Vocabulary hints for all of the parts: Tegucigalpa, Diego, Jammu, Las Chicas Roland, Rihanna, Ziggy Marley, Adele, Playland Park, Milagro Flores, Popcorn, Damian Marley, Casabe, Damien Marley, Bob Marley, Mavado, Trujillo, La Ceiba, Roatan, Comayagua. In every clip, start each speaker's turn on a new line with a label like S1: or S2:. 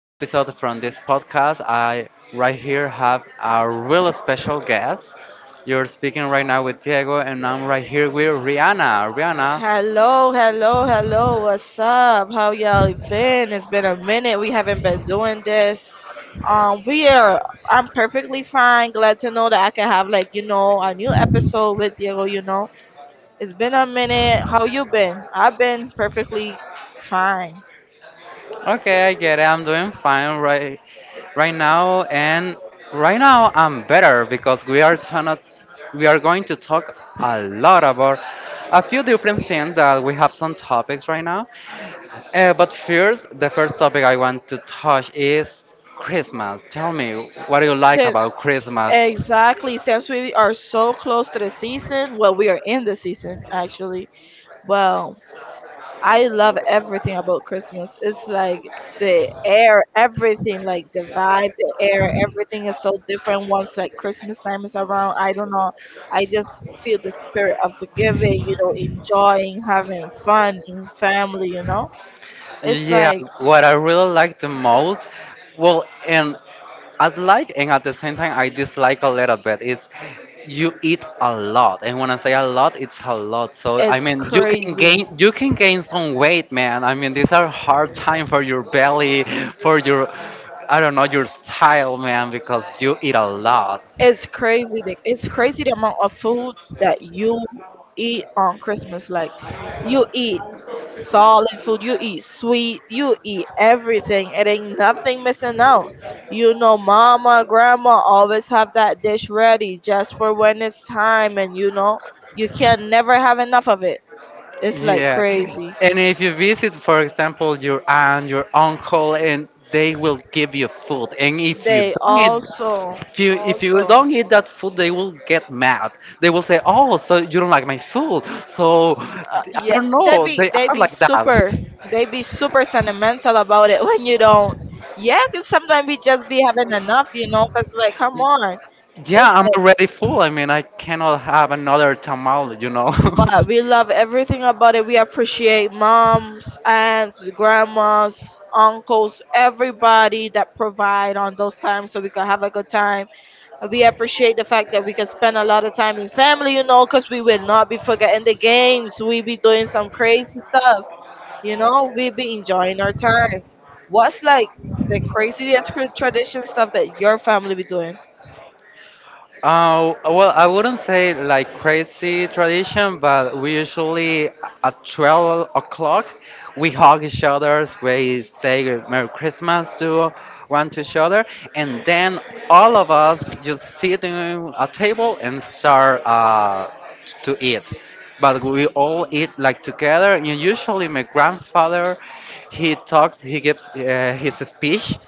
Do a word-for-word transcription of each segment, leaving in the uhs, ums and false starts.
S1: episode from this podcast. I right here have a real special guest. You're speaking right now with Diego, and I'm right here with Rihanna. Rihanna,
S2: Hello, hello, hello. What's up? How y'all been? It's been a minute. We haven't been doing this. Um, we are. I'm perfectly fine. Glad to know that I can have like you know a new episode with you. You know, it's been a minute. How you been? I've been perfectly fine
S1: okay, I get it. I'm doing fine right right now, and right now I'm better because we are ton we are going to talk a lot about a few different things that we have some topics right now. Uh, but first, the first topic I want to touch is Christmas. Tell me, what do you like
S2: since
S1: about Christmas?
S2: exactly since we are so close to the season. Well, we are in the season actually. Well, I love everything about Christmas. It's like the air, everything, like the vibe, the air, everything is so different once like Christmas time is around. I don't know. I just feel the spirit of giving, you know, enjoying, having fun in family, you know? It's
S1: Yeah,
S2: like,
S1: what I really like the most, well, and I like, and at the same time I dislike a little bit, is you eat a lot, and when I say a lot, it's a lot. So I
S2: it's
S1: mean, you can
S2: crazy.
S1: gain you can gain some weight, man. I mean, these are hard time for your belly, for your I don't know your style, man, because you eat a lot.
S2: It's crazy. the- It's crazy the amount of food that you eat on Christmas. Like, you eat solid food, you eat sweet, you eat everything. It ain't nothing missing out. You know, mama, grandma always have that dish ready just for when it's time, and you know, you can never have enough of it. It's like
S1: Yeah.
S2: crazy.
S1: And if you visit, for example, your aunt, your uncle, and they will give you food. And if you
S2: They
S1: don't eat
S2: also,
S1: if you if you
S2: also.
S1: don't eat that food, they will get mad. They will say, oh, so you don't like my food. So I
S2: Uh, yeah,
S1: don't
S2: they
S1: know,
S2: be
S1: they
S2: they
S1: are
S2: be
S1: like that.
S2: super they be super sentimental about it when you don't, yeah, because sometimes we just be having enough, you know because like come on.
S1: Yeah,
S2: It's
S1: I'm
S2: like,
S1: already full. I mean, I cannot have another tamal, you know.
S2: but we love everything about it. We appreciate moms, aunts, grandmas, uncles, everybody that provide on those times so we can have a good time. We appreciate the fact that we can spend a lot of time in family, you know because we will not be forgetting the games. We be doing some crazy stuff. You know, we be enjoying our time. What's like the craziest cr- tradition stuff that your family be doing?
S1: Uh, well, I wouldn't say like crazy tradition, but we usually at twelve o'clock we hug each other, we say Merry Christmas to one to each other, and then all of us just sit in a table and start uh, to eat. But we all eat like together. And usually, my grandfather he talks he gives uh, his speech,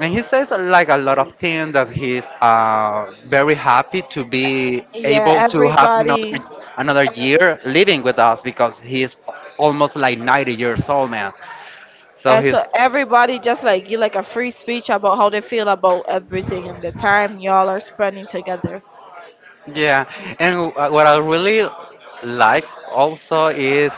S1: and he says uh, like a lot of things, that he's uh, very happy to be
S2: Yeah,
S1: able to have another
S2: everybody.
S1: another year living with us, because he's almost like ninety years old, man. So
S2: And so
S1: he's
S2: everybody just like give like a free speech about how they feel about everything and the time y'all are spending together.
S1: yeah. And w- uh, what I really like also is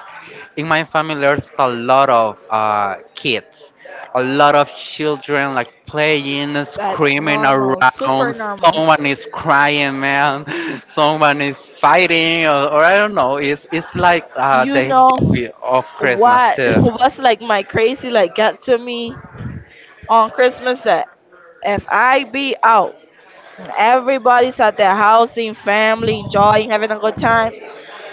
S1: in my family there's a lot of uh, kids, a lot of children like playing,
S2: That's
S1: screaming
S2: normal, super
S1: around.
S2: normal.
S1: Someone is crying, man. Someone is fighting, or, or I don't know. It's it's like uh,
S2: You
S1: the
S2: know
S1: joy of Christmas
S2: what?
S1: too.
S2: What's like my crazy like got to me on Christmas that if I be out, everybody's at their house in family enjoying, having a good time.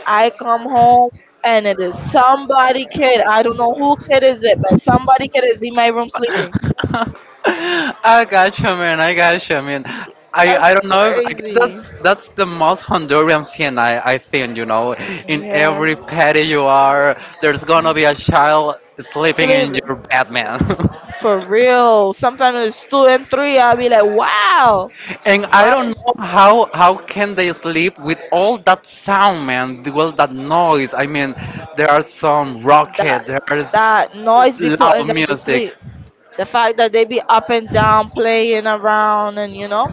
S2: I come home and it is somebody kid. I don't know who kid is it, but somebody kid is in my room sleeping.
S1: I gotcha, man. I gotcha, man. I, I
S2: That's
S1: don't know. If, I guess
S2: crazy.
S1: that's that's the most Honduran thing I, I think. You know, in
S2: Yeah.
S1: every patty you are, there's gonna be a child sleeping
S2: Sleep
S1: in your bed, man.
S2: for real. Sometimes it's two and three. I'll be like, wow.
S1: And I
S2: But
S1: don't know how how can they sleep with all that sound, man. With all that noise. I mean, there are some
S2: that
S1: rocket. There is
S2: that noise be
S1: loud
S2: putting them to
S1: music.
S2: sleep. The fact that they be up and down playing around, and you know.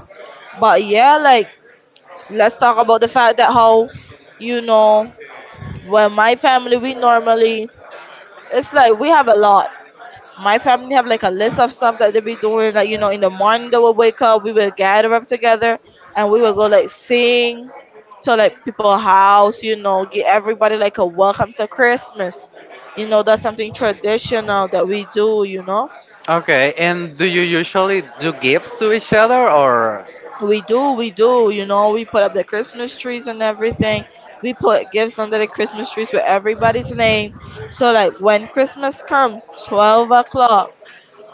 S2: But yeah, like let's talk about the fact that how, you know, when my family, we normally, it's like we have a lot, my family have like a list of stuff that they be doing. Like you know, in the morning they will wake up, we will gather up together, and we will go like sing to like people house. You know, give everybody like a welcome to Christmas. You know, that's something traditional that we do. You know,
S1: Okay, and do you usually do gifts to each other, or
S2: we do, we do. You know, we put up the Christmas trees and everything. We put gifts under the Christmas trees with everybody's name. So like when Christmas comes, twelve o'clock,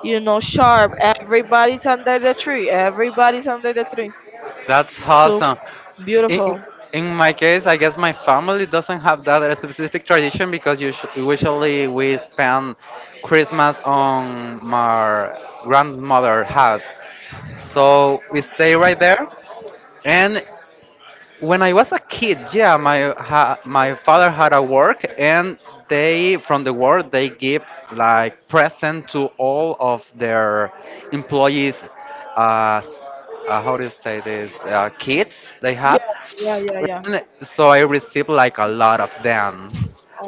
S2: You know, sharp. Everybody's under the tree. Everybody's under the tree.
S1: that's
S2: So
S1: awesome? In, in
S2: beautiful.
S1: in my case, I guess my family doesn't have that a specific tradition, because usu- usually we spend Christmas on my grandmother's house. So we stay right there, and when I was a kid, yeah, my ha, my father had a work, and they from the work they give like present to all of their employees. Uh, s- uh, how do you say this? Uh, kids they had.
S2: Yeah, yeah, yeah, yeah.
S1: And so I received like a lot of them,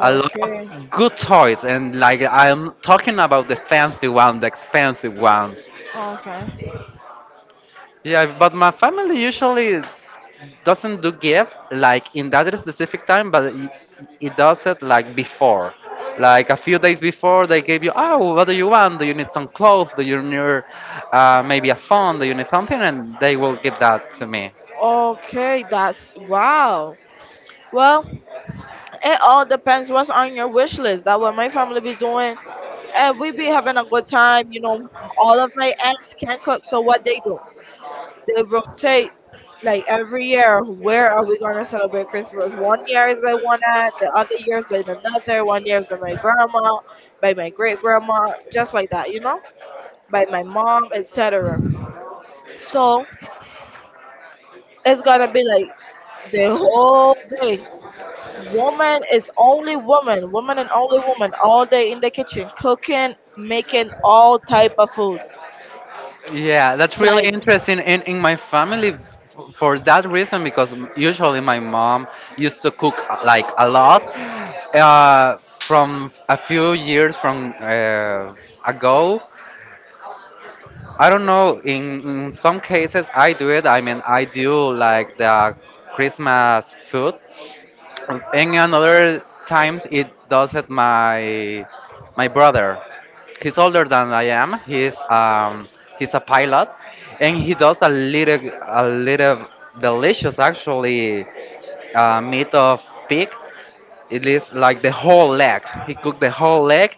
S1: a lot of good toys, and like I'm talking about the fancy ones, the expensive ones.
S2: okay,
S1: Yeah, but my family usually doesn't do give like in that specific time, but it, it does it like before. Like a few days before, they gave you, oh, what do you want? Do you need some clothes? Do you need uh, maybe a phone? Do you need something? And they will give that to me.
S2: okay. That's wow. Well, it all depends what's on your wish list. That what my family be doing, and we be having a good time. You know, all of my aunts can cook, so what they do? They rotate like every year. Where are we going to celebrate Christmas? One year is by one aunt, the other year is by another, one year is by my grandma, by my great grandma, just like that, you know, by my mom, etc. So it's going to be like the whole day, woman is only woman, woman and only woman, all day in the kitchen, cooking, making all type of food.
S1: Yeah, that's really
S2: Like,
S1: interesting. In in my family, f- for that reason, because m- usually my mom used to cook uh, like a lot. Uh, from a few years from uh, ago, I don't know. In, in some cases, I do it. I mean, I do like the Christmas food. And another times, it does it my my brother. He's older than I am. He's um he's a pilot, and he does a little a little delicious actually uh, meat of pig. It is like the whole leg. He cooked the whole leg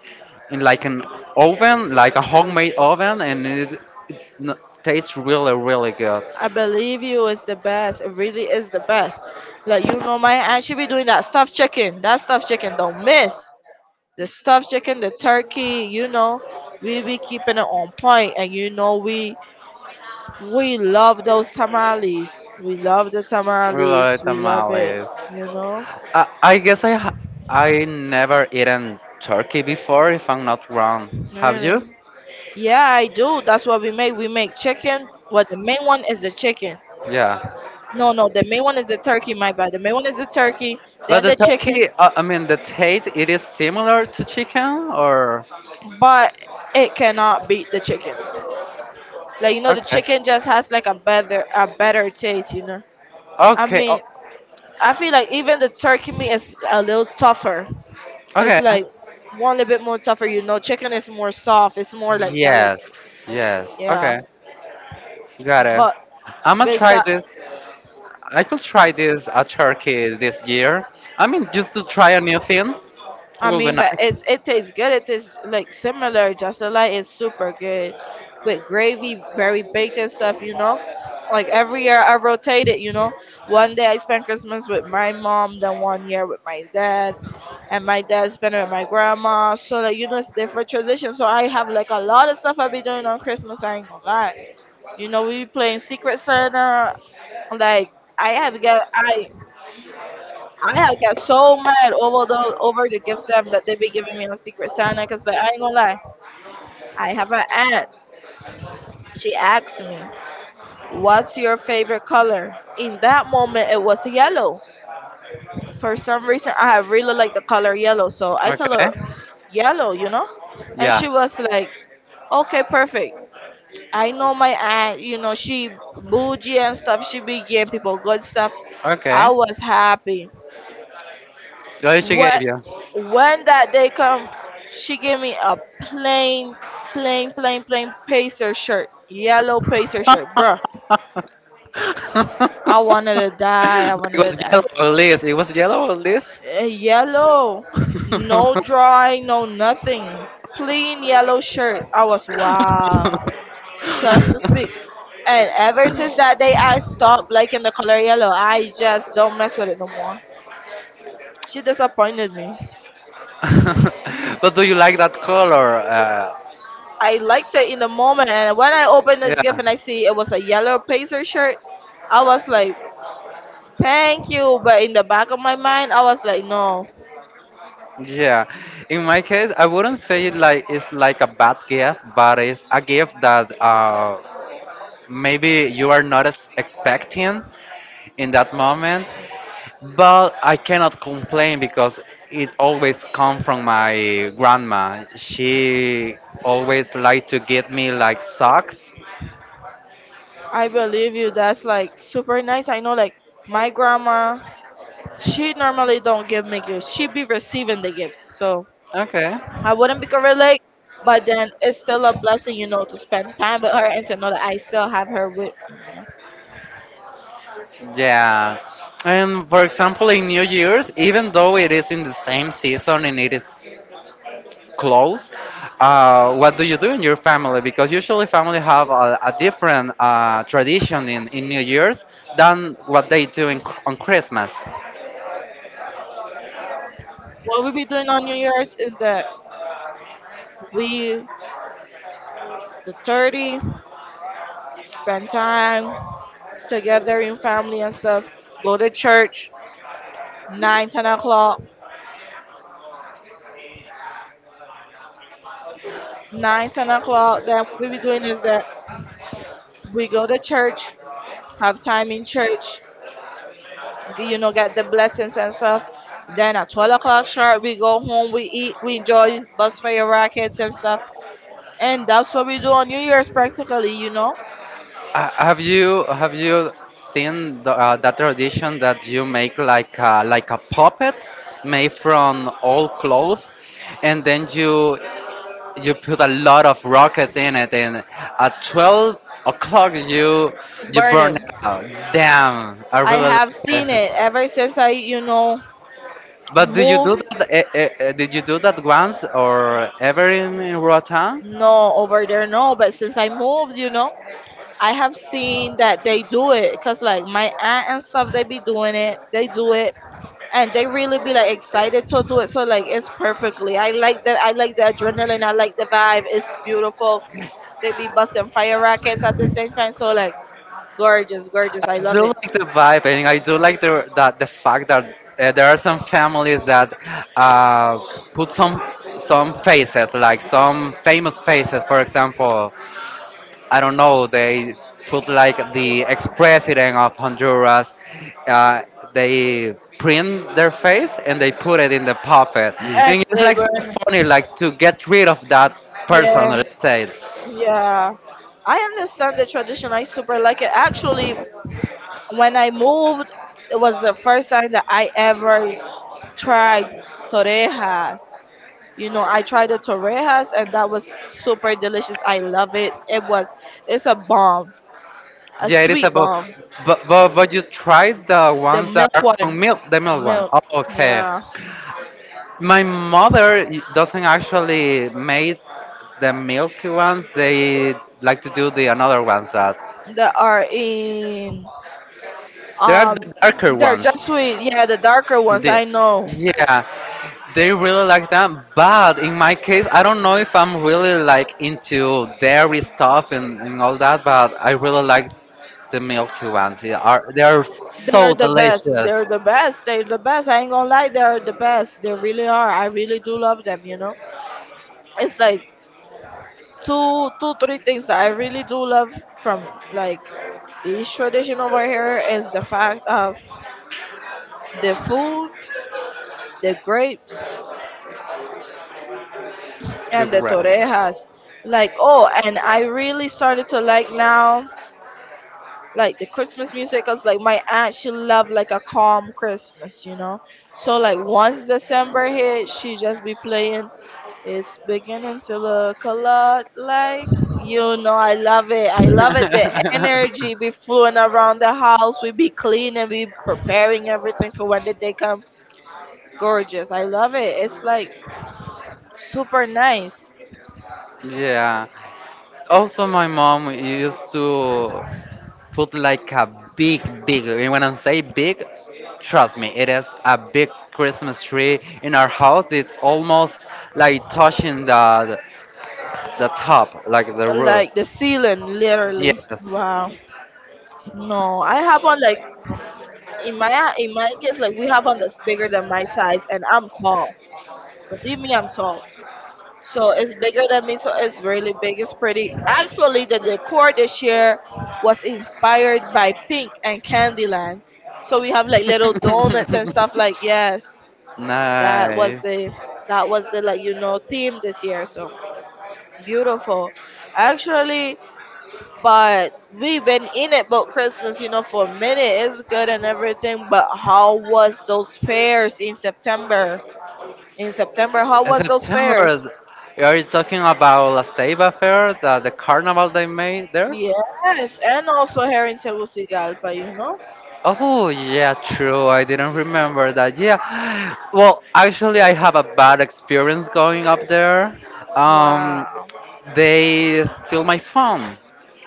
S1: in like an oven, like a homemade oven, and it, is- it n- tastes really, really good.
S2: I believe you, is the best. It really is the best. Like you know, my aunt, she be doing that stuffed chicken. That stuffed chicken don't miss. The stuffed chicken, the turkey. You know, we be keeping it on point, and you know we we love those tamales. We love the
S1: Really
S2: tamales. We love it.
S1: tamales.
S2: You know,
S1: I, I guess I ha- I never eaten turkey before, if I'm not wrong. Have you?
S2: really. Yeah, I do. That's what we make. We make chicken. Well, the main one is the chicken.
S1: Yeah.
S2: No, no, the main one is the turkey. My bad. The main one is the turkey.
S1: But
S2: Then
S1: the
S2: the chicken.
S1: turkey, uh, I mean, the taste, it is similar to chicken, or
S2: But it cannot beat the chicken. Like you know, the
S1: okay,
S2: chicken just has like a better a better taste. You know, I
S1: okay,
S2: mean,
S1: o-
S2: I feel like even the turkey meat is a little tougher. It's
S1: okay.
S2: like one little bit more tougher. You know, chicken is more soft. It's more like
S1: Yes,
S2: delicate.
S1: yes,
S2: Yeah,
S1: okay. Got it.
S2: but
S1: I'm gonna try
S2: besides,
S1: this. I could try this at Turkey this year. I mean, just to try a new thing. It
S2: I
S1: will be
S2: mean, but
S1: nice.
S2: it's it tastes good. It tastes like similar. Just like is super good with gravy, very baked and stuff. You know, like every year I rotate it. You know, one day I spend Christmas with my mom, then one year with my dad, and my dad spent it with my grandma. So like you know, it's different traditions. So I have like a lot of stuff I be doing on Christmas. I ain't gonna lie. You know, we be playing Secret Santa. Like I have got I I had got so mad over the over the gifts them that they be giving me on Secret Santa, because like I ain't gonna lie, I have an aunt. She asked me, "What's your favorite color?" In that moment, it was yellow. For some reason, I have really like the color yellow, so I tell
S1: Okay.
S2: her yellow, you know, and she
S1: Yeah.
S2: was like, "Okay, perfect." I know my aunt, you know, she bougie and stuff. She be giving people good stuff. I
S1: Okay.
S2: was happy.
S1: What she gave
S2: What
S1: you?
S2: when that day come, she gave me a plain, plain, plain, plain pacer shirt, yellow pacer shirt, bruh. I wanted to die. I
S1: It
S2: wanted to
S1: was yellow
S2: die.
S1: or list. It was yellow or list.
S2: Eh, yellow, no drawing, no nothing. Plain yellow shirt. I was wow, son to speak. And ever since that day, I stopped liking the color yellow. I just don't mess with it no more. She disappointed me.
S1: But do you like that color? Uh,
S2: I liked it in the moment, and when I opened this gift
S1: Yeah.
S2: and I see it was a yellow Pacer shirt, I was like, "Thank you," but in the back of my mind, I was like, "No,
S1: Yeah, in my case, I wouldn't say it like it's like a bad gift, but it's a gift that uh, maybe you are not as expecting in that moment. But I cannot complain, because it always come from my grandma. She always like to get me like socks.
S2: I believe you. That's like super nice. I know, like my grandma, she normally don't give me gifts. She be receiving the gifts, so
S1: Okay.
S2: I wouldn't be can relate. But then it's still a blessing, you know, to spend time with her and to know that I still have her with me. You know,
S1: Yeah. And for example, in New Year's, even though it is in the same season and it is close. Uh, what do you do in your family? Because usually family have a, a different uh, tradition in, in New Year's than what they do in, on Christmas.
S2: what we be doing on New Year's is that we, the thirty, spend time together in family and stuff. Go to church nine ten o'clock. Nine ten o'clock. Then what we be doing is that we go to church, have time in church, g- you know, get the blessings and stuff. Then at twelve o'clock sharp, we go home, we eat, we enjoy, bust fire rockets and stuff. And that's what we do on New Year's practically, you know,
S1: Uh, have you have you seen the, uh, that tradition that you make like a, like a puppet made from old cloth, and then you you put a lot of rockets in it, and at twelve o'clock you you burn
S2: burning.
S1: it out. Damn, I
S2: I
S1: really
S2: have
S1: like
S2: seen
S1: it.
S2: it ever since I, you know,
S1: But did you do
S2: moved.
S1: that? eh, eh, eh, did you do that once or ever in, in Roatan?
S2: No, over there, no. But since I moved, you know, I have seen that they do it because like my aunt and stuff, they be doing it. They do it and they really be like excited to do it. So like it's perfectly. I like that. I like the adrenaline. I like the vibe. It's beautiful. They be busting fire rockets at the same time. So like gorgeous, gorgeous. I
S1: I do
S2: love it.
S1: like the vibe, and I do like the that the fact that uh, there are some families that uh, put some some faces, like some famous faces. For example, I don't know, they put like the ex-president of Honduras. Uh, they print their face and they put it in the puppet,
S2: And
S1: and it's
S2: they
S1: like so
S2: burn.
S1: funny, like to get rid of that person,
S2: Yeah,
S1: let's say.
S2: yeah. I understand the tradition. I super like it. Actually, when I moved, it was the first time that I ever tried torejas. You know, I tried the torrejas and that was super delicious. I love it. It was it's a bomb, a
S1: Yeah, it is
S2: sweet
S1: about.
S2: bomb.
S1: But, but but you tried the
S2: The
S1: ones that
S2: milk
S1: are
S2: one,
S1: from milk, the milk one.
S2: milk.
S1: Oh, okay.
S2: Yeah,
S1: My mother y- doesn't actually make the milky ones. They like to do the another ones that
S2: that are in
S1: there are
S2: um
S1: the darker
S2: they're
S1: ones.
S2: just sweet. Yeah, the darker ones.
S1: The,
S2: I know
S1: yeah, they really like them. But in my case, I don't know if I'm really like into dairy stuff and, and all that. But I really like the milky ones. They are they are so
S2: they're the best.
S1: delicious.
S2: They're the best. They're the best. I ain't gonna lie. They're the best. They really are. I really do love them. You know, it's like two, two, three things that I really do love from like this tradition over here is the fact of the food, the grapes,
S1: They're
S2: and the
S1: great.
S2: torrejas. Like, oh, and I really started to like now, like the Christmas music, because like my aunt, she loved like a calm Christmas, you know? So, like, once December hit, she just be playing, it's beginning to look a lot like. You know, I love it. I love it. The energy be flowing around the house. We be cleaning, we preparing everything for when the day come. Gorgeous. I love it. It's like super nice.
S1: Yeah. Also, my mom used to put like a big, big, and when I say big, trust me, it is a big Christmas tree in our house. It's almost like touching the, the top, like the roof.
S2: Like the ceiling, literally.
S1: Yes.
S2: Wow. No, I have one like in my in my case. Like, we have one that's bigger than my size, and I'm tall. Believe me, I'm tall. So it's bigger than me, so it's really big. It's pretty. Actually, the decor this year was inspired by pink and Candyland, so we have like little donuts and stuff like. Yes. that was
S1: Nice.
S2: the that was the, like you know theme this year. So beautiful, actually. But we've been in it about Christmas, you know, for a minute. It's good and everything, but how was those fairs in September? In September, how
S1: In
S2: was those
S1: September,
S2: fairs?
S1: are you talking about La Ceiba Fair, the, the carnival they made there?
S2: Yes, and also here in Tegucigalpa, you know.
S1: Oh, yeah, true. I didn't remember that. Yeah. Well, actually, I have a bad experience going up there. Um,
S2: Wow.
S1: they steal my phone.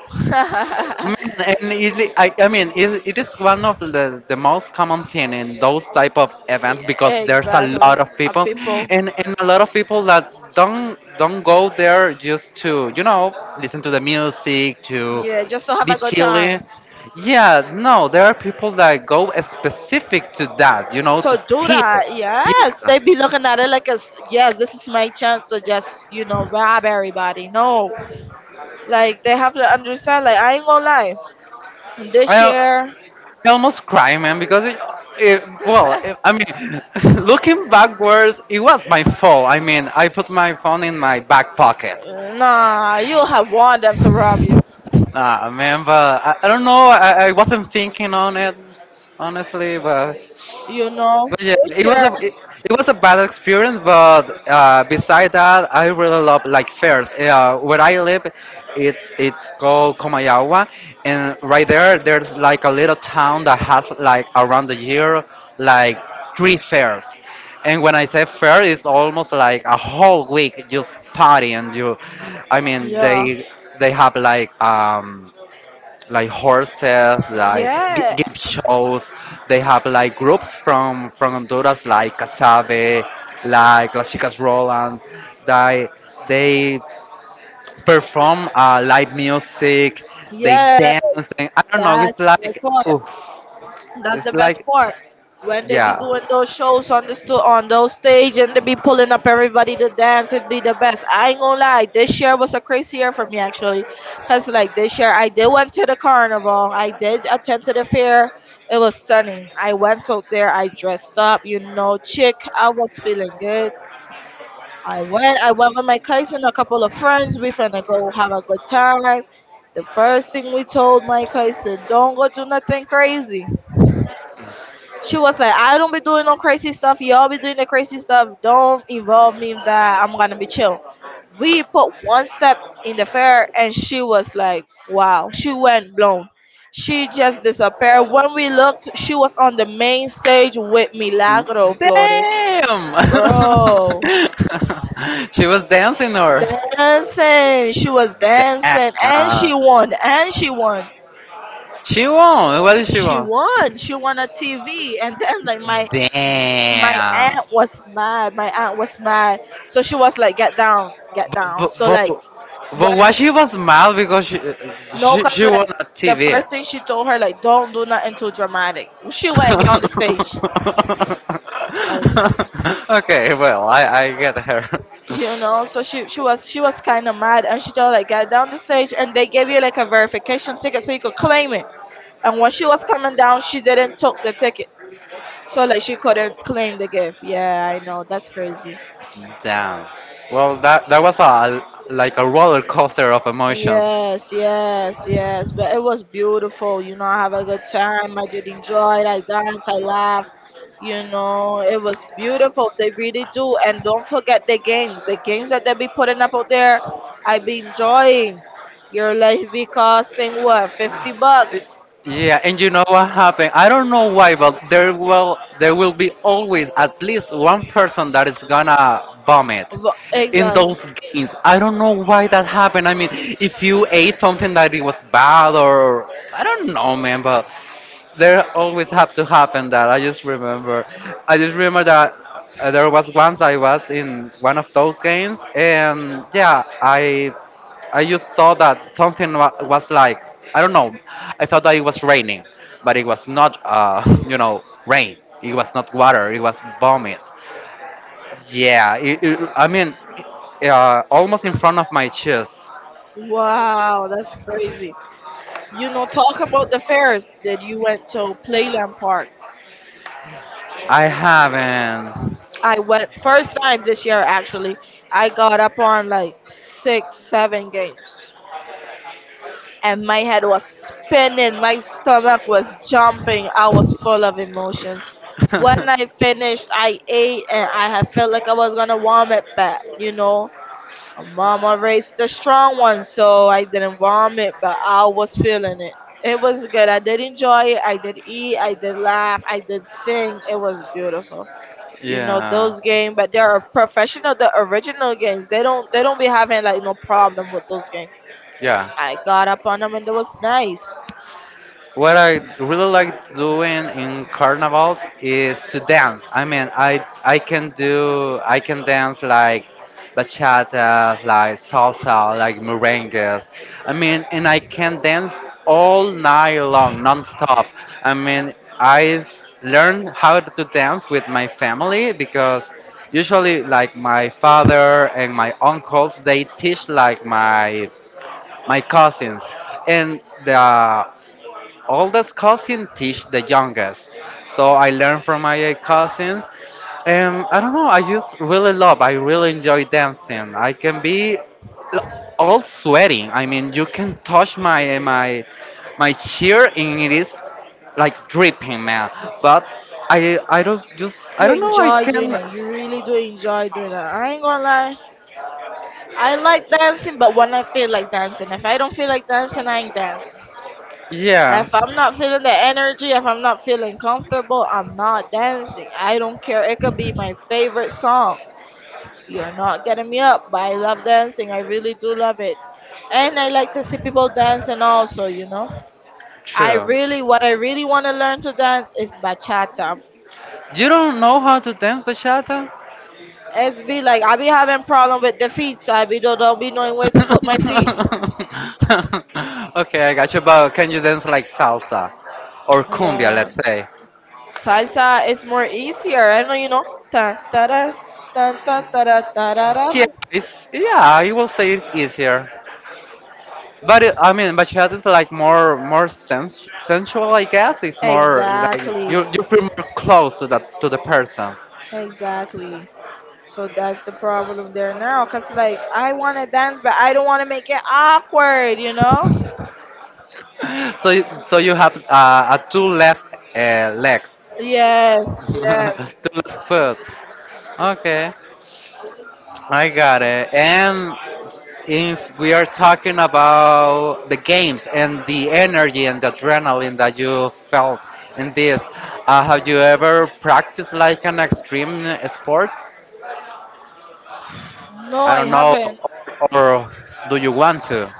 S1: Man, and it, I, I mean, it, it is one of the, the most common thing in those type of events, because there's a
S2: exactly.
S1: lot of
S2: Uh,
S1: people,
S2: people.
S1: and, and a lot of people that don't don't go there just to, you know, listen to the music, to
S2: Yeah, just to have
S1: be
S2: a good
S1: chilly.
S2: time.
S1: Yeah, no, there are people that go specific to that, you know, to
S2: To do
S1: steal.
S2: that, yes. They be looking at it like, it's yes, this is my chance to just, you know, rob everybody. No. Like, they have to understand. Like, I ain't gonna lie, this
S1: I
S2: year.
S1: I almost cry, man, because it, it well, it, I mean, looking backwards, it was my fault. I mean, I put my phone in my back pocket.
S2: nah, you have want them to rob you.
S1: Uh, man, but I, I don't know. I, I wasn't thinking on it, honestly, but
S2: You know,
S1: But yeah,
S2: this
S1: it was
S2: year,
S1: a it, it was a bad experience, but uh, beside that, I really love like fairs. Uh, where I live, it's it's called Comayagua, and right there, there's like a little town that has like around the year like three fairs. And when I say fair, it's almost like a whole week just partying. You, I mean,
S2: yeah,
S1: they they have like um like horses, like gi-
S2: yeah,
S1: gift shows. They have like groups from from Honduras, like Casabe, like Las Chicas Roland. They they perform uh, live music. They dance.
S2: yes,
S1: And I don't know. It's
S2: that's my
S1: like
S2: point.
S1: oof.
S2: That's the
S1: It's
S2: best
S1: like
S2: part. When they be doing
S1: yeah.
S2: those shows on the sto- on those stage, and they be pulling up everybody to dance, it'd be the best. I ain't gonna lie, this year was a crazy year for me, actually, cause like this year I did went to the carnival, I did attend to the fair. It was stunning. I went out there, I dressed up, you know, chick. I was feeling good. I went, I went with my cousin, a couple of friends. We finna go have a good time. The first thing we told my cousin, don't go do nothing crazy. She was like, I don't be doing no crazy stuff. Y'all be doing the crazy stuff. Don't involve me in that. I'm gonna be chill. We put one step in the fair and she was like, wow. She went blown. She just disappeared. When we looked, she was on the main stage with Milagro Flores.
S1: Damn.
S2: Bro,
S1: She was dancing or.
S2: dancing. She was dancing and she
S1: Uh,
S2: won. And she won.
S1: she won. What did she
S2: She
S1: won?
S2: won. She won a T V. And then like my my
S1: Damn.
S2: aunt was mad. My aunt was mad. So she was like, get down, get
S1: But,
S2: down.
S1: but,
S2: So
S1: but,
S2: like
S1: but
S2: what.
S1: why she was mad? Because she
S2: No,
S1: she,
S2: cause
S1: she won
S2: like
S1: a
S2: the
S1: T V.
S2: first thing she told her, like, don't do nothing too dramatic. She went and get on the stage. Like,
S1: Okay, well, I, I get her.
S2: you know, so she she was, she was kinda mad, and she told like, get down the stage, and they gave you like a verification ticket so you could claim it. And when she was coming down, she didn't took the ticket. So like she couldn't claim the gift. Yeah, I know, that's crazy.
S1: Damn. Well, that that was a like a roller coaster of emotions.
S2: Yes, yes, yes. But it was beautiful. You know, I have a good time. I did enjoy it. I danced. I laughed. You know, it was beautiful. They really do. And don't forget the games. The games that they be putting up out there, I be enjoying. Your life be costing what? fifty bucks.
S1: Yeah, and you know what happened? I don't know why, but there will there will be always at least one person that is gonna vomit
S2: Wha-
S1: in
S2: Exactly.
S1: those games. I don't know why that happened. I mean, if you ate something that it was bad or I don't know, man, but there always have to happen that. I just remember, I just remember that uh, there was once I was in one of those games, and yeah, I I just saw that something wa- was like I don't know. I thought that it was raining, but it was not. Uh, you know, rain. It was not water. It was vomit. Yeah. It, it, I mean, uh, almost in front of my chest.
S2: Wow, that's crazy. You know, talk about the fairs that you went to Playland Park.
S1: I haven't.
S2: I went first time this year, actually. I got up on like six, seven games. And my head was spinning, my stomach was jumping, I was full of emotion. When I finished I ate and I had felt like I was gonna vomit back, you know. My mama raised the strong one, so I didn't vomit, but I was feeling it. It was good. I did enjoy it. I did eat. I did laugh. I did sing. It was beautiful. You know
S1: yeah.
S2: those games, but they're professional, the original games. They don't, they don't be having like no problem with those games.
S1: Yeah.
S2: I got up on them and it was nice.
S1: What I really like doing in carnivals is to dance. I mean, I I can do I can dance like bachatas, like salsa, like merengues. I mean, and I can dance all night long, non-stop. I mean, I learned how to dance with my family because usually like my father and my uncles they teach like my my cousins and the oldest cousin teach the youngest. So I learned from my uh, cousins. Um, I don't know. I just really love. I really enjoy dancing. I can be l- all sweating. I mean, you can touch my my my cheer, and it is like dripping, man. But I I don't just I
S2: You
S1: don't know. I
S2: enjoy doing
S1: can.
S2: it. You really do enjoy doing it I ain't gonna lie, I like dancing, but when I feel like dancing. If I don't feel like dancing, I ain't dancing.
S1: Yeah,
S2: If I'm not feeling the energy, if I'm not feeling comfortable, I'm not dancing. I don't care, it could be my favorite song. You're not getting me up, but I love dancing. I really do love it. And I like to see people dance and also, you know. I
S1: true.
S2: really. What I really want to learn to dance is bachata.
S1: You don't know how to dance bachata?
S2: It's be like I be having problem with the feet, so I be don't, don't be knowing where to put my feet.
S1: Okay, I got you. But can you dance like salsa or cumbia,
S2: Yeah.
S1: let's say?
S2: Salsa is more easier. I know you know. Ta ta da ta ta ta da ta da da da.
S1: Yeah, it's yeah. I will say it's easier. But it, I mean, bachata is like more more sens- sensual, I guess. It's more like you you
S2: Exactly.
S1: feel more close to that to the person.
S2: Exactly. So that's the problem there now. Cause like I want to dance, but I don't want to make it awkward. You know?
S1: So you- so you have uh, a two left uh, legs,
S2: Yes. Yes.
S1: two left foot. Okay. I got it. And if we are talking about the games and the energy and the adrenaline that you felt in this, uh, have you ever practiced like an extreme sport?
S2: No,
S1: I
S2: I
S1: don't know,
S2: haven't.
S1: or do you want to?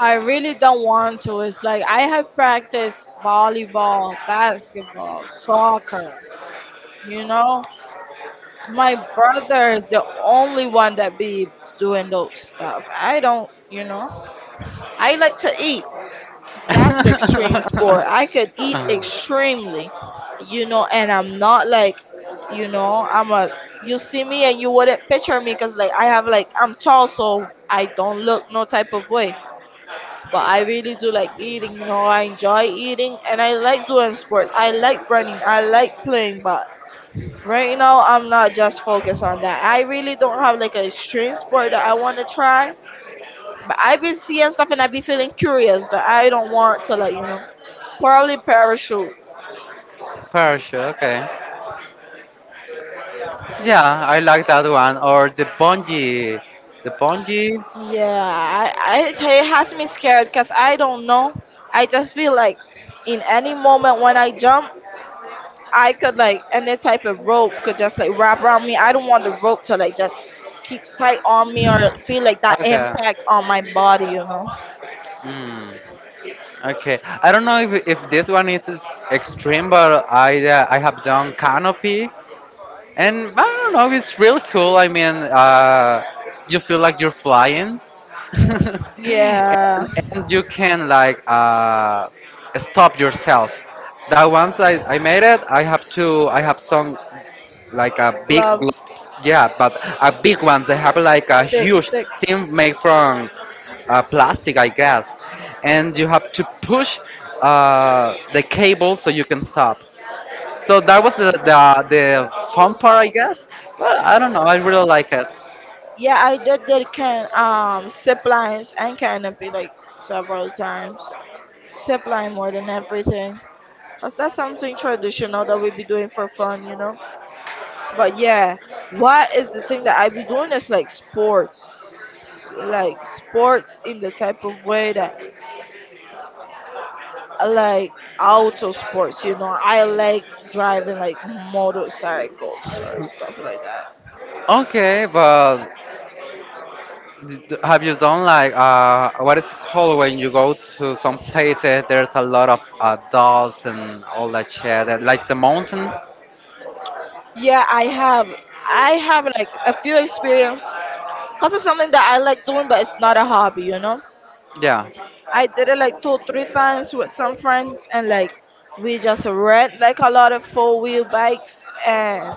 S2: I really don't want to. It's like I have practiced volleyball, basketball, soccer. You know, my brother is the only one that be doing those stuff. I don't. You know, I like to eat. That's the extreme sport. I could eat extremely, you know, and I'm not like, you know, I'm a. You see me and you wouldn't picture me because like I have like, I'm tall, so I don't look no type of way. But I really do like eating. You know, I enjoy eating and I like doing sports. I like running. I like playing, but. Right now, I'm not just focused on that. I really don't have like an extreme sport that I want to try. But I've been seeing stuff and I be feeling curious, but I don't want to, like, you know. Probably parachute.
S1: Parachute, okay. Yeah, I like that one. Or the bungee, the bungee.
S2: Yeah, I, I, it has me scared because I don't know. I just feel like in any moment when I jump, I could like any type of rope could just like wrap around me. I don't want the rope to like just keep tight on me or feel like that
S1: Okay.
S2: impact on my body, you know.
S1: Hmm. Okay, I don't know if, if this one is is extreme, but I uh, I have done canopy, and I don't know, it's really cool. I mean, uh, you feel like you're flying, and,
S2: Yeah,
S1: and you can like uh, stop yourself. That once I, I made it, I have to I have some like a big
S2: gloves,
S1: globes, yeah, but a big ones. They have like a
S2: thick,
S1: huge
S2: thick.
S1: thing made from uh, plastic, I guess, and you have to push uh, the cable so you can stop. So that was the, the the fun part, I guess. But I don't know. I really like it.
S2: Yeah, I did did can um zip lines and canopy like several times. Zip line more than everything. Cause that's something traditional that we be doing for fun, you know. But yeah, what is the thing that I be doing is like sports, like sports in the type of way that I like auto sports, you know. I like driving like motorcycles or stuff like that.
S1: Okay, but d- d- have you done like uh, what it's called when you go to some places? There's a lot of uh, dolls and all that shit, and, like the mountains.
S2: Yeah, I have, I have like a few experience. Cause it's something that I like doing, but it's not a hobby, you know.
S1: Yeah,
S2: I did it like two, three times with some friends, and like we just rent like a lot of four wheel bikes, and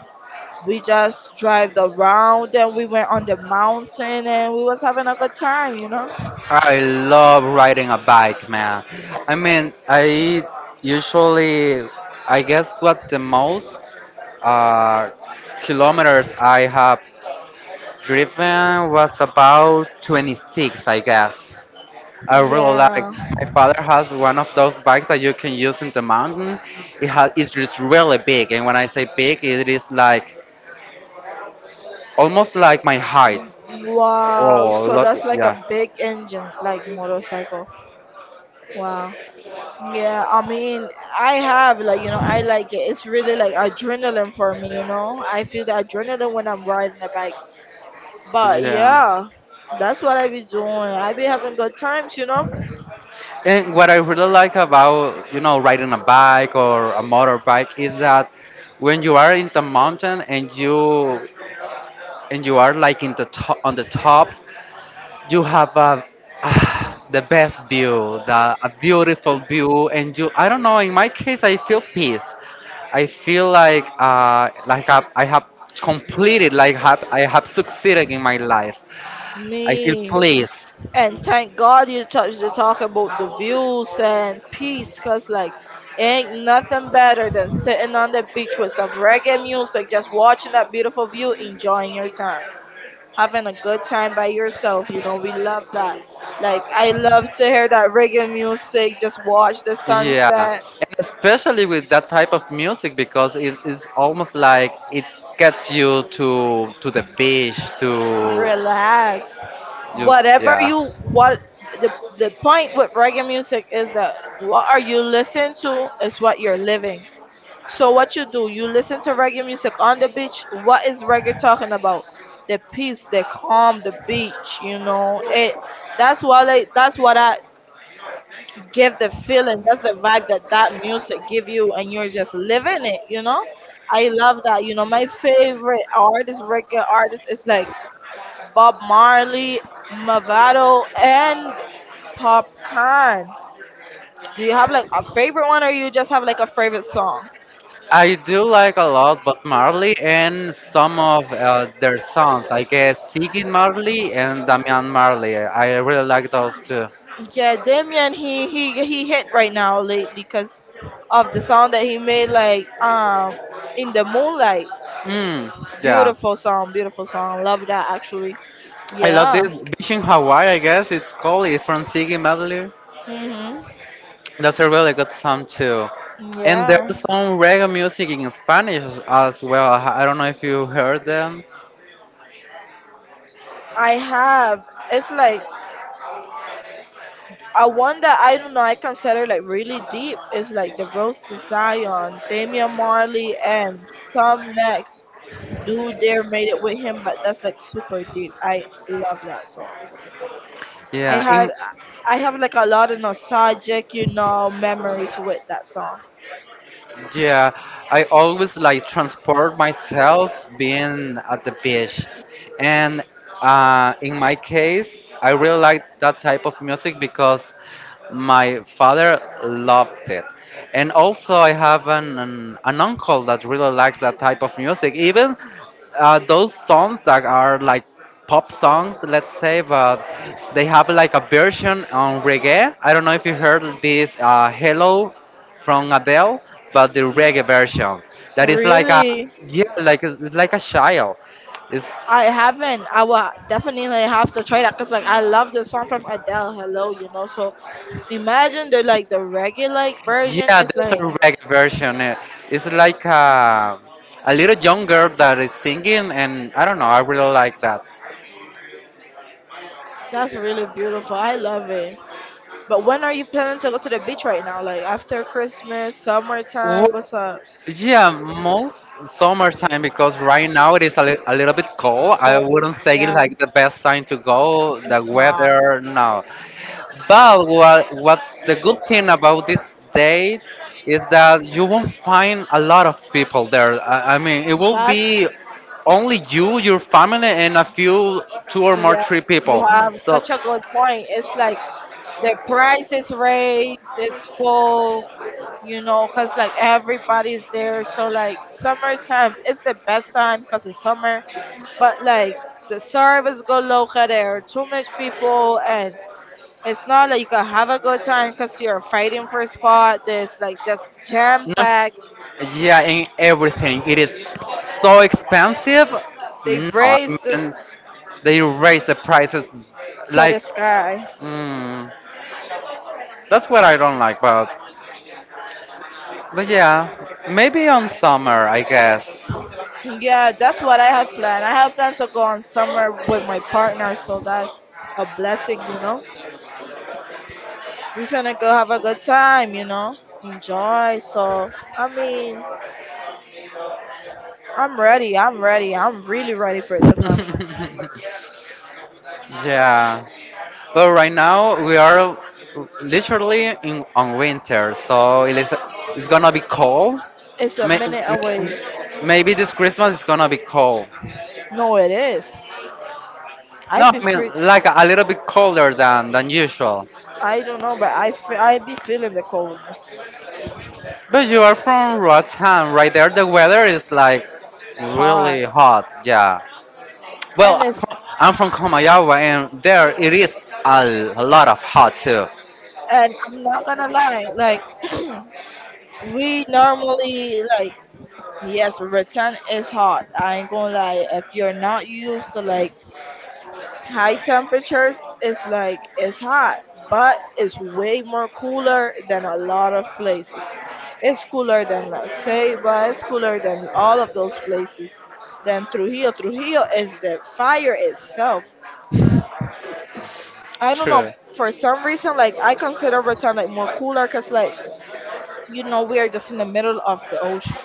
S2: we just drive around and we went on the mountain and we was having a good time, you know?
S1: I love riding a bike, man. I mean, I usually, I guess, what the most uh, kilometers I have driven was about twenty-six, I guess. I really like.
S2: Yeah.
S1: My father has one of those bikes that you can use in the mountain. It has, it's just really big, and when I say big, it is like almost like my height.
S2: Wow.
S1: Oh,
S2: So
S1: lo-
S2: that's like a
S1: yeah,
S2: big engine, like motorcycle. Wow. Yeah, I mean, I have like, you know, I like it. It's really like adrenaline for me, you know. I feel the adrenaline when I'm riding a bike. But
S1: yeah.
S2: yeah, that's what I be doing. I be having good times, you know.
S1: And what I really like about you know riding a bike or a motorbike is that when you are in the mountain and you and you are like in the top on the top you have a, ah, the best view, the, a beautiful view, and you. I don't know. In my case, I feel peace. I feel like uh, like I, I have completed, like have, I have succeeded in my life. I feel
S2: Me.
S1: pleased.
S2: And thank God you touched to talk about the views and peace, cause like, ain't nothing better than sitting on the beach with some reggae music, just watching that beautiful view, enjoying your time, having a good time by yourself. You know, we love that. Like, I love to hear that reggae music, just watch the
S1: Yeah,
S2: sunset,
S1: and especially with that type of music because it is almost like it gets you to to the beach to
S2: relax.
S1: you.
S2: Whatever
S1: Yeah.
S2: you what. the the point with reggae music is that what are you listening to is what you're living. So what you do, you listen to reggae music on the beach. What is reggae talking about? The peace, the calm, the beach. You know it. That's what I. That's what I give the feeling. That's the vibe that that music give you, and you're just living it. You know, I love that. You know, my favorite artist, reggae artist, is like Bob Marley, Mavado, and Popcorn. Do you have like a favorite one, or you just have like a favorite song?
S1: I do like a lot Bob Marley and some of uh, their songs. I guess Ziggy Marley and Damian Marley. I really like those two.
S2: Yeah, Damien, he he he hit right now lately because of the song that he made, like, um, in the moonlight.
S1: Mm, yeah.
S2: Beautiful song, beautiful song. Love that actually.
S1: I love
S2: Yeah.
S1: this Beach in Hawaii, I guess it's called. It's from Ziggy Marley.
S2: Mhm.
S1: That's a really good song too. And
S2: Yeah.
S1: there's some reggae music in Spanish as well. I I don't know if you heard them.
S2: I have. It's like a one that I don't know. I consider like really deep. It's like the Rose to Zion, Damian Marley, and some next. Do there made it with him, but that's like super deep. I love that song. I
S1: Yeah,
S2: had
S1: in
S2: I have like a lot of nostalgic, you know, memories with that song.
S1: yeah, I always like transport myself being at the beach. And uh, in my case, I really like that type of music because my father loved it. And also, I have an, an, an uncle that really likes that type of music. Even uh, those songs that are like pop songs, let's say, but they have like a version on reggae. I don't know if you heard this uh, Hello from Abel, but the reggae version. That is like a
S2: Really,
S1: yeah, like a- it's like a child. It's
S2: I haven't. I will definitely have to try that because like I love the song from Adele, Hello, you know. So imagine the like the regular like, version.
S1: yeah,
S2: It's
S1: there's a
S2: like.
S1: reggae version. Eh, it's like a a little young girl that is singing, and I don't know. I really like that.
S2: That's really beautiful. I love it. But when are you planning to go to the beach right now? Like after Christmas, summertime? What's up?
S1: Yeah, most summertime because right now it is a, li- a little bit cold. I
S2: Cold?
S1: wouldn't say it's like
S2: Yes,
S1: the best time to go. The
S2: it's not.
S1: weather, no. But what, what's the good thing about this date is that you won't find a lot of people there. I, I mean, it will
S2: That's
S1: be only you, your family, and a few two or more
S2: yeah.
S1: three people.
S2: You have
S1: So
S2: such a good point. It's like the price is raised, it's full, you know, cause like everybody's there. So like summertime, it's the best time cause it's summer. But like the service go local. There are too much people, and it's not like you can have a good time cause you're fighting for a spot. There's like just jam
S1: not,
S2: packed.
S1: yeah, in everything. It is so expensive.
S2: They
S1: No, I
S2: raised it
S1: mean, they raise the prices
S2: to the
S1: like.
S2: sky.
S1: Mm, that's what I don't like, but. But yeah, maybe on summer, I guess.
S2: Yeah, that's what I have planned. I have planned to go on somewhere with my partner, so that's a blessing, you know. We're gonna go have a good time, you know, enjoy. So, I mean, I'm ready. I'm ready. I'm really ready for it to come.
S1: yeah. But right now, we are literally in on winter, so it is, it's gonna be cold.
S2: It's a
S1: May-
S2: minute away.
S1: Maybe this Christmas is gonna be cold.
S2: No, it is. I
S1: No,
S2: be
S1: I mean
S2: free.
S1: like a little bit colder than than usual.
S2: I don't know, but I fe- I be feeling the coldness,
S1: But you are from Roatan, right there. The weather is like
S2: hot,
S1: really hot. Yeah.
S2: and
S1: Well,
S2: it's.
S1: I'm from, I'm from Comayagua, and there it is a, a lot of hot too.
S2: And I'm not gonna lie. Like, we normally like. Yes, return is hot. I ain't gonna lie. If you're not used to like high temperatures, it's like it's hot, but it's way more cooler than a lot of places. It's cooler than La Ceiba. It's cooler than all of those places. Than Trujillo. Trujillo is the fire itself. I don't know.
S1: True.
S2: For some reason, like I consider return like more cooler, cause like you know we are just in the middle of the ocean.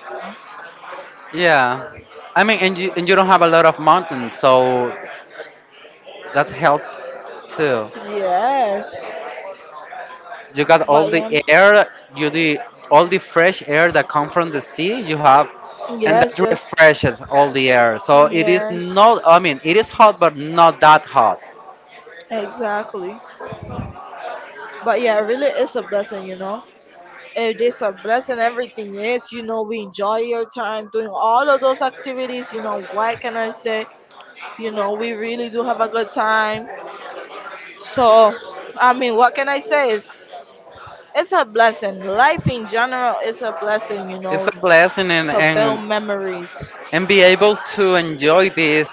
S1: Yeah. I mean, and you and you don't have a lot of mountains, so that helps too.
S2: Yes,
S1: You got all
S2: but
S1: the
S2: yeah.
S1: air, you the all the fresh air that come from the sea. You have, and
S2: Yes,
S1: that
S2: just.
S1: refreshes all the air. So it is
S2: Yes,
S1: not. I mean, it is hot, but not that hot.
S2: exactly. But yeah, really, it's a blessing, you know. It is a blessing. Everything is, you know, we enjoy your time doing all of those activities. You know, what can I say? You know, we really do have a good time. So, I mean, what can I say? It's it's a blessing. Life in general is a blessing, you
S1: It's a
S2: know,
S1: blessing, and
S2: to
S1: and
S2: build memories.
S1: and be able to enjoy this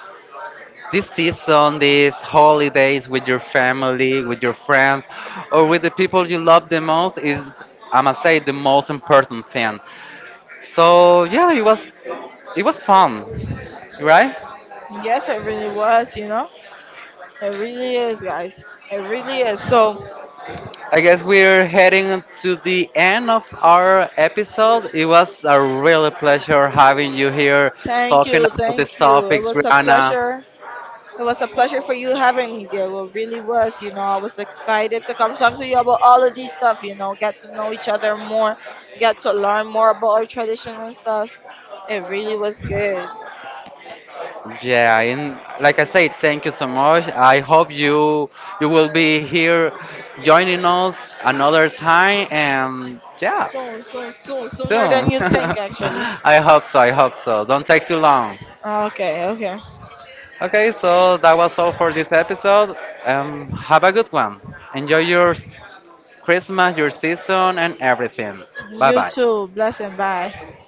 S1: this season, these holidays with your family, with your friends, or with the people you love the most is, I must say, the most important thing. So yeah, it was it was fun, right?
S2: Yes, it really was, you know. It really is, guys. It really is. So,
S1: I guess we're heading to the end of our episode. It was a really pleasure having you here
S2: thank
S1: talking
S2: you,
S1: about
S2: thank
S1: these
S2: you. It
S1: topics,
S2: was a
S1: Rihanna.
S2: pleasure. It was a pleasure for you having me there. Well, really was. You know, I was excited to come talk to you about all of these stuff. You know, get to know each other more, get to learn more about our tradition and stuff. It really was good.
S1: Yeah, and like I said, thank you so much. I hope you you will be here joining us another time and yeah,
S2: Soon, soon, soon, sooner
S1: soon.
S2: than you think, actually.
S1: I hope so, I hope so. Don't take too long.
S2: Okay, okay.
S1: Okay, so that was all for this episode. Um, have a good one. Enjoy your Christmas, your season, and everything. Bye
S2: You
S1: bye.
S2: too. Bless and bye.